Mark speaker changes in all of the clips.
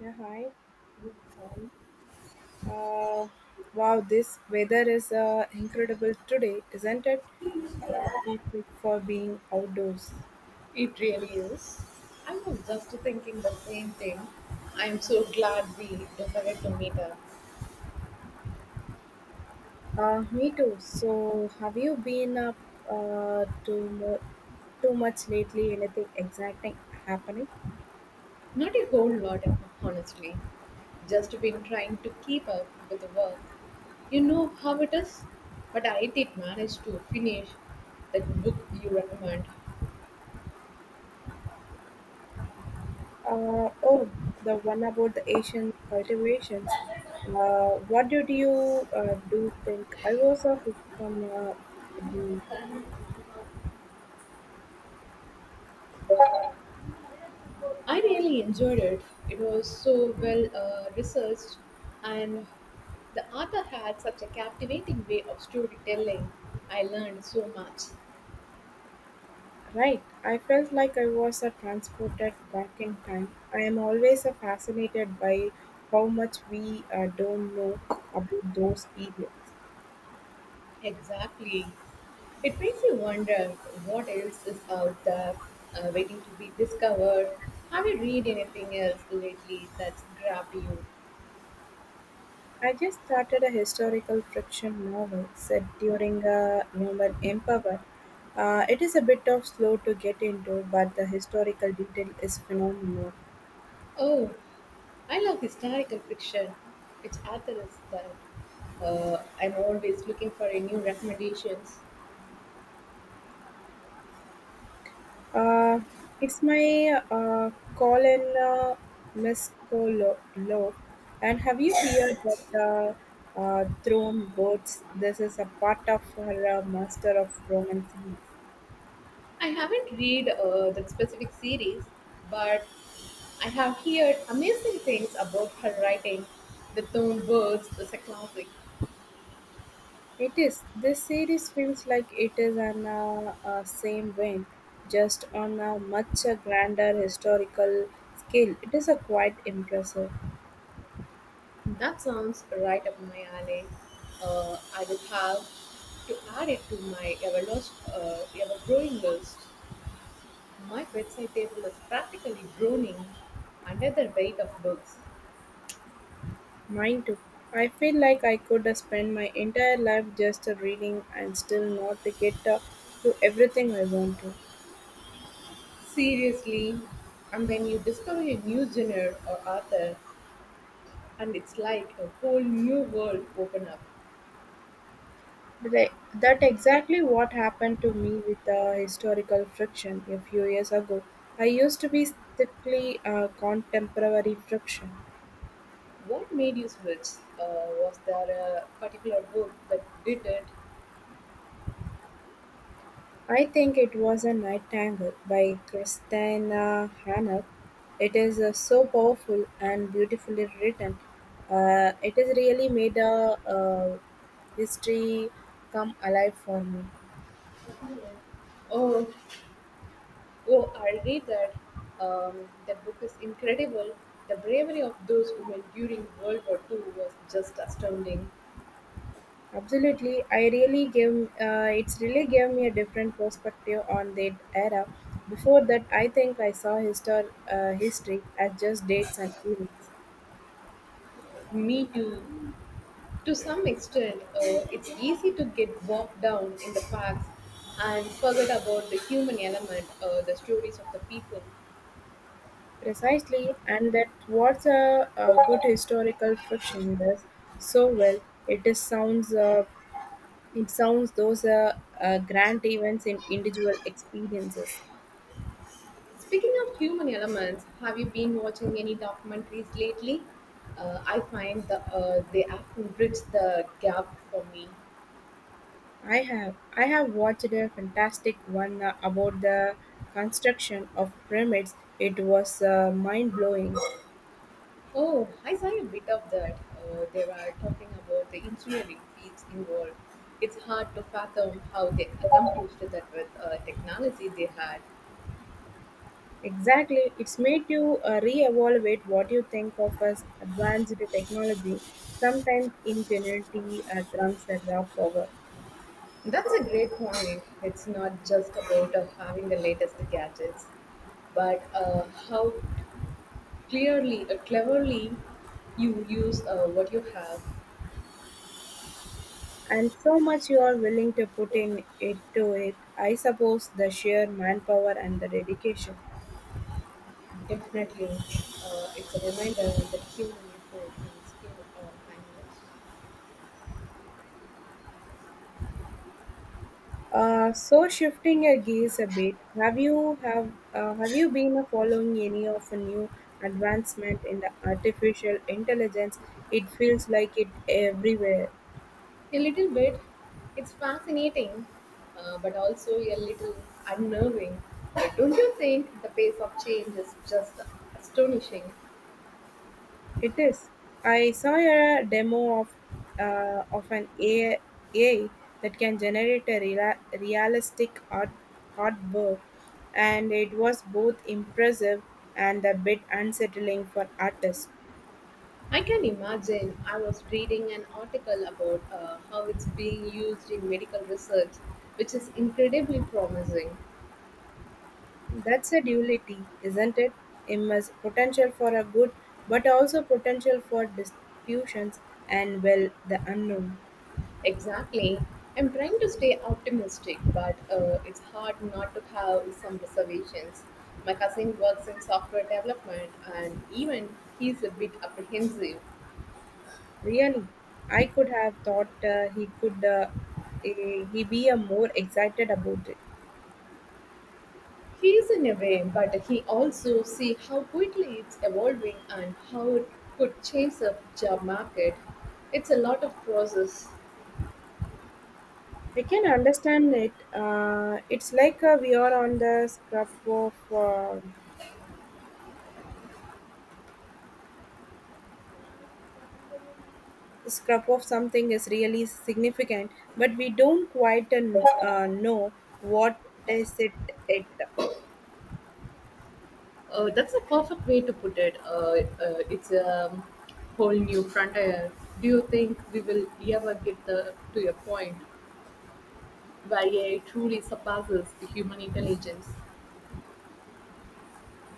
Speaker 1: Yeah, hi. Uh, wow, this weather is incredible today, isn't it? Uh, Perfect for being outdoors.
Speaker 2: It really is. I was just thinking the same thing. I'm so glad we decided to meet up.
Speaker 1: Me too. So, have you been up uh, too, mo- too much lately? Anything exciting happening?
Speaker 2: Not a whole lot, honestly. Just been trying to keep up with the work. You know how it is? But I did manage to finish that book you recommend.
Speaker 1: Oh, the one about the Asian cultivations. What did you do think? I was a cook from the.
Speaker 2: I really enjoyed it. It was so well researched, and the author had such a captivating way of storytelling. I learned so much.
Speaker 1: Right, I felt like I was a transported back in time. I am always fascinated by how much we don't know about those periods.
Speaker 2: Exactly. It makes you wonder what else is out there waiting to be discovered. Have you read anything else lately that's grabbed you?
Speaker 1: I just started a historical fiction novel set during a Roman Empire. It is a bit of slow to get into, but the historical detail is phenomenal.
Speaker 2: Oh, I love historical fiction. Which author is that? I'm always looking for a new recommendations.
Speaker 1: Uh, it's my Colin Mescolo. Lo. And have you heard that Throne Birds? This is a part of her Master of Roman series.
Speaker 2: I haven't read that specific series, but I have heard amazing things about her writing. The Stone Birds is a classic.
Speaker 1: It is. This series feels like it is an same vein, just on a much grander historical scale. It is a quite impressive.
Speaker 2: That sounds right up my alley. I will have to add it to my ever lost, ever growing list. My bedside table is practically groaning under the weight of books.
Speaker 1: Mine too. I feel like I could spend my entire life just reading and still not to get to everything I want to.
Speaker 2: Seriously. And when you discover a new genre or author, and it's like a whole new world open up.
Speaker 1: But that exactly what happened to me with historical friction a few years ago. I used to be strictly contemporary friction.
Speaker 2: What made you switch? Was there a particular book that did it?
Speaker 1: I think it was a night tango by Christina Hannah. It is so powerful and beautifully written. It has really made history come alive for me.
Speaker 2: Oh, Oh, I read that. That book is incredible. The bravery of those women during World War II was just astounding.
Speaker 1: Absolutely, I really gave it's really gave me a different perspective on that era. Before that, I think I saw history as just dates and events.
Speaker 2: Me too. To some extent, it's easy to get bogged down in the facts and forget about the human element, the stories of the people.
Speaker 1: Precisely, and that's what a good historical fiction does so well. It is sounds uh, it sounds those grand events in individual experiences.
Speaker 2: Speaking of human elements, have you been watching any documentaries lately? I find the they often bridge the gap for me.
Speaker 1: I have watched a fantastic one about the construction of pyramids. It was mind blowing.
Speaker 2: Oh, I saw a bit of that. They were talking about the engineering feats involved. It's hard to fathom how they accomplished that with technology they had.
Speaker 1: Exactly, it's made you re-evaluate what you think of as advanced technology. Sometimes ingenuity trumps the raw power.
Speaker 2: That's a great point. It's not just about having the latest gadgets, but how cleverly you use what you have.
Speaker 1: And so much you're willing to put in into it, I suppose the sheer manpower and the dedication.
Speaker 2: Definitely, it's a reminder that human effort and skill are timeless.
Speaker 1: So shifting your gears a bit, have you been following any of a new advancement in the artificial intelligence? It feels like it everywhere.
Speaker 2: A little bit. It's fascinating, but also a little unnerving. Don't you think the pace of change is just astonishing?
Speaker 1: It is. I saw a demo of an AI that can generate a realistic artwork, and it was both impressive and a bit unsettling for artists.
Speaker 2: I can imagine. I was reading an article about how it's being used in medical research, which is incredibly promising.
Speaker 1: That's a duality, isn't it? Immense potential for a good, but also potential for disruptions and, well, the unknown.
Speaker 2: Exactly. I'm trying to stay optimistic, but it's hard not to have some reservations. My cousin works in software development, and even he's a bit apprehensive.
Speaker 1: Really, I could have thought he could he be a more excited about it.
Speaker 2: He is in a way, but he also see how quickly it's evolving and how it could chase up job market. It's a lot of process.
Speaker 1: I can understand it. It's like we are on the scrap of something is really significant, but we don't quite know what is it. It
Speaker 2: That's a perfect way to put it. It's a whole new frontier. Do you think we will ever get the, to a point where AI truly surpasses the human intelligence?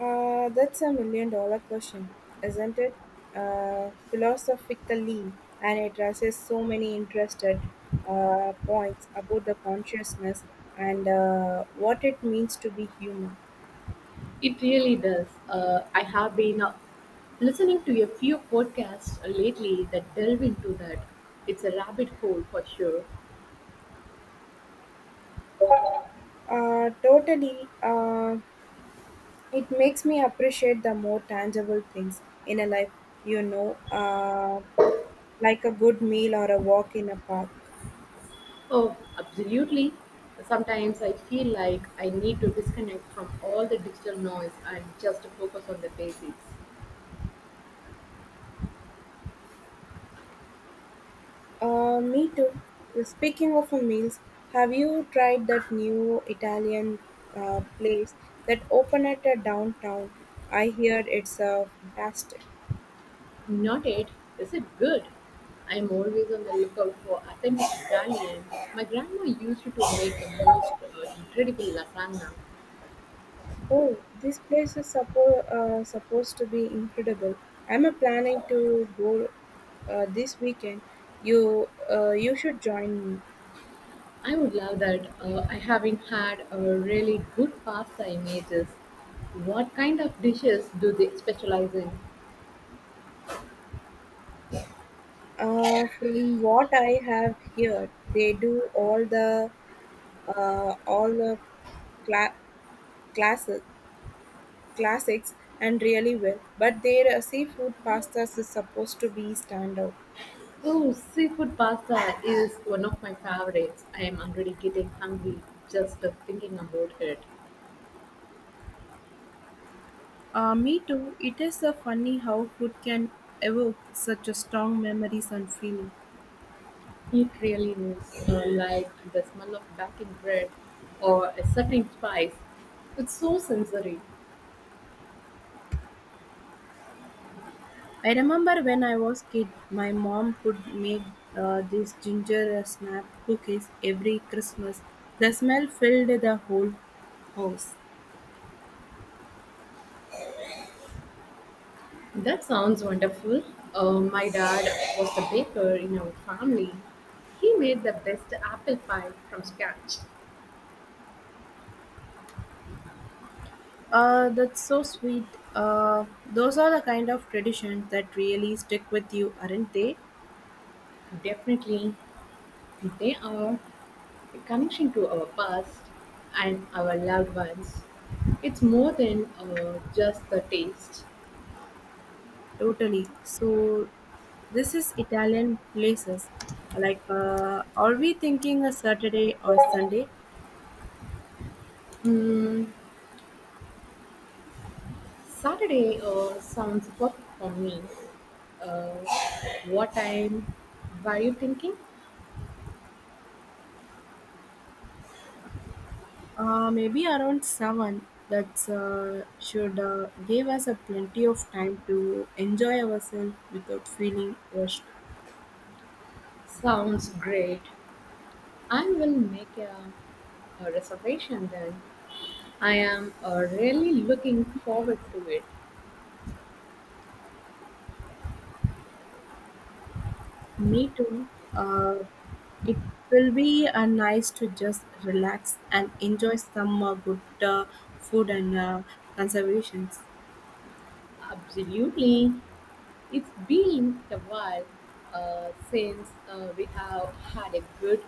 Speaker 1: that's a million dollar question, isn't it? Philosophically, and it raises so many interested points about the consciousness and what it means to be human.
Speaker 2: It really does. I have been listening to a few podcasts lately that delve into that. It's a rabbit hole for sure.
Speaker 1: Totally. It makes me appreciate the more tangible things in a life, you know, uh, like a good meal or a walk in a park.
Speaker 2: Oh, absolutely. Sometimes I feel like I need to disconnect from all the digital noise and just focus on the basics.
Speaker 1: Me too. Speaking of a meals, have you tried that new Italian place that opened at a downtown? I hear it's fantastic.
Speaker 2: Not it. Is it good? I'm always on the lookout for authentic Italian. My grandma used to make the most incredible lasagna.
Speaker 1: Oh, this place is supposed to be incredible. I'm planning to go this weekend. You should join me.
Speaker 2: I would love that. I haven't had a really good pasta images. What kind of dishes do they specialize in?
Speaker 1: From what I have heard, they do all the cla- classes, classics and really well. But their seafood pastas is supposed to be standout.
Speaker 2: Oh, seafood pasta is one of my favorites. I am already getting hungry just thinking about it.
Speaker 1: Me too. It is funny how food can evoke such a strong memories and feeling.
Speaker 2: It really is like the smell of baking bread or a certain spice. It's so sensory.
Speaker 1: I remember when I was kid, my mom could make these ginger snap cookies every Christmas. The smell filled the whole house.
Speaker 2: That sounds wonderful. My dad was the baker in our family. He made the best apple pie from scratch.
Speaker 1: That's so sweet. Those are the kind of traditions that really stick with you, aren't they?
Speaker 2: Definitely, they are a connection to our past and our loved ones. It's more than just the taste.
Speaker 1: Totally. So, this is Italian places. Like, are we thinking a Saturday or Sunday?
Speaker 2: Mm, Saturday sounds perfect for me. Uh, what time were you thinking?
Speaker 1: Maybe around 7. That's should give us a plenty of time to enjoy ourselves without feeling rushed.
Speaker 2: Sounds great. I will make a reservation then. I am really looking forward to it.
Speaker 1: Me too. Uh, it will be nice to just relax and enjoy some good food and conservations.
Speaker 2: Absolutely. It's been a while since we have had a good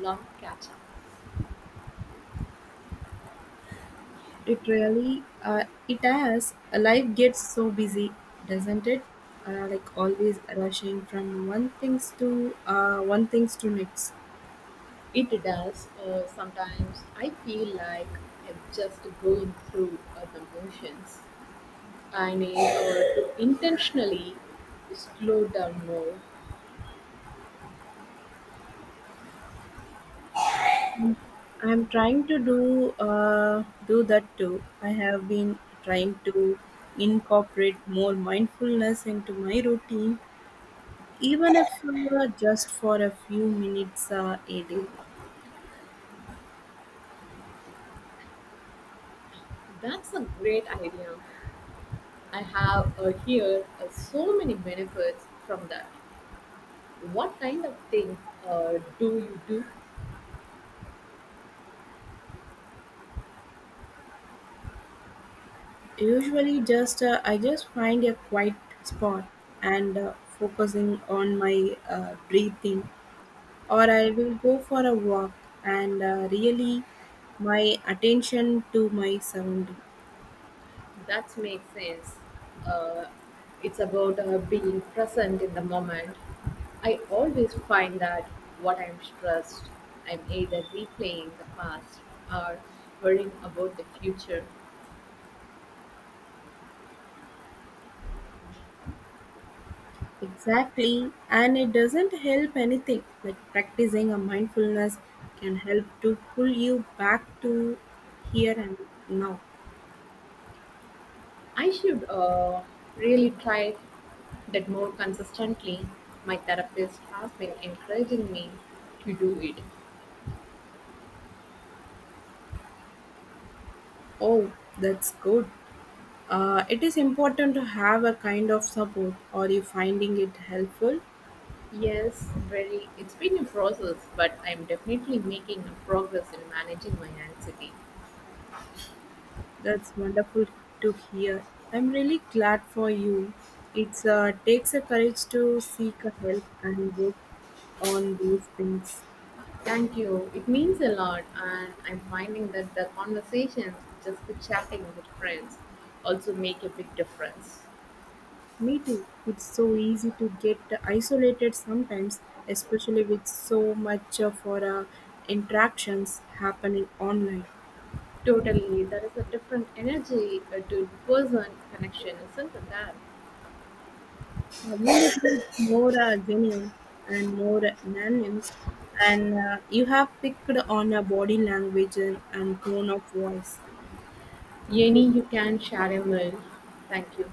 Speaker 2: long catch up.
Speaker 1: It has life gets so busy, doesn't it? Like always rushing from one things to next.
Speaker 2: It does. Sometimes I feel like I'm just going through the motions. I need to intentionally slow down more.
Speaker 1: I'm trying to do that too. I have been trying to incorporate more mindfulness into my routine, even if just for a few minutes a day.
Speaker 2: That's a great idea. I have heard so many benefits from that. What kind of things do you do?
Speaker 1: Usually, just I just find a quiet spot and focusing on my breathing, or I will go for a walk and really my attention to my surrounding.
Speaker 2: That makes sense. Uh, it's about being present in the moment. I always find that what I'm stressed, I'm either replaying the past or worrying about the future.
Speaker 1: Exactly, and it doesn't help anything. Like practicing a mindfulness can help to pull you back to here and now.
Speaker 2: I should really try that more consistently. My therapist has been encouraging me to do it.
Speaker 1: Oh, that's good. It is important to have a kind of support. Are you finding it helpful?
Speaker 2: Yes, very. It's been a process, but I'm definitely making a progress in managing my anxiety.
Speaker 1: That's wonderful to hear. I'm really glad for you. It's takes a courage to seek a help and work on those things.
Speaker 2: Thank you. It means a lot, and I'm finding that the conversations, just the chatting with friends, also make a big difference.
Speaker 1: Me too. It's so easy to get isolated sometimes, especially with so much for interactions happening online.
Speaker 2: Totally, there is a different energy to person connection, isn't there?
Speaker 1: Will it more genuine and more nuanced? And you have picked on a body language and tone of voice. Thank you.
Speaker 2: Any you can share a meal. Thank you.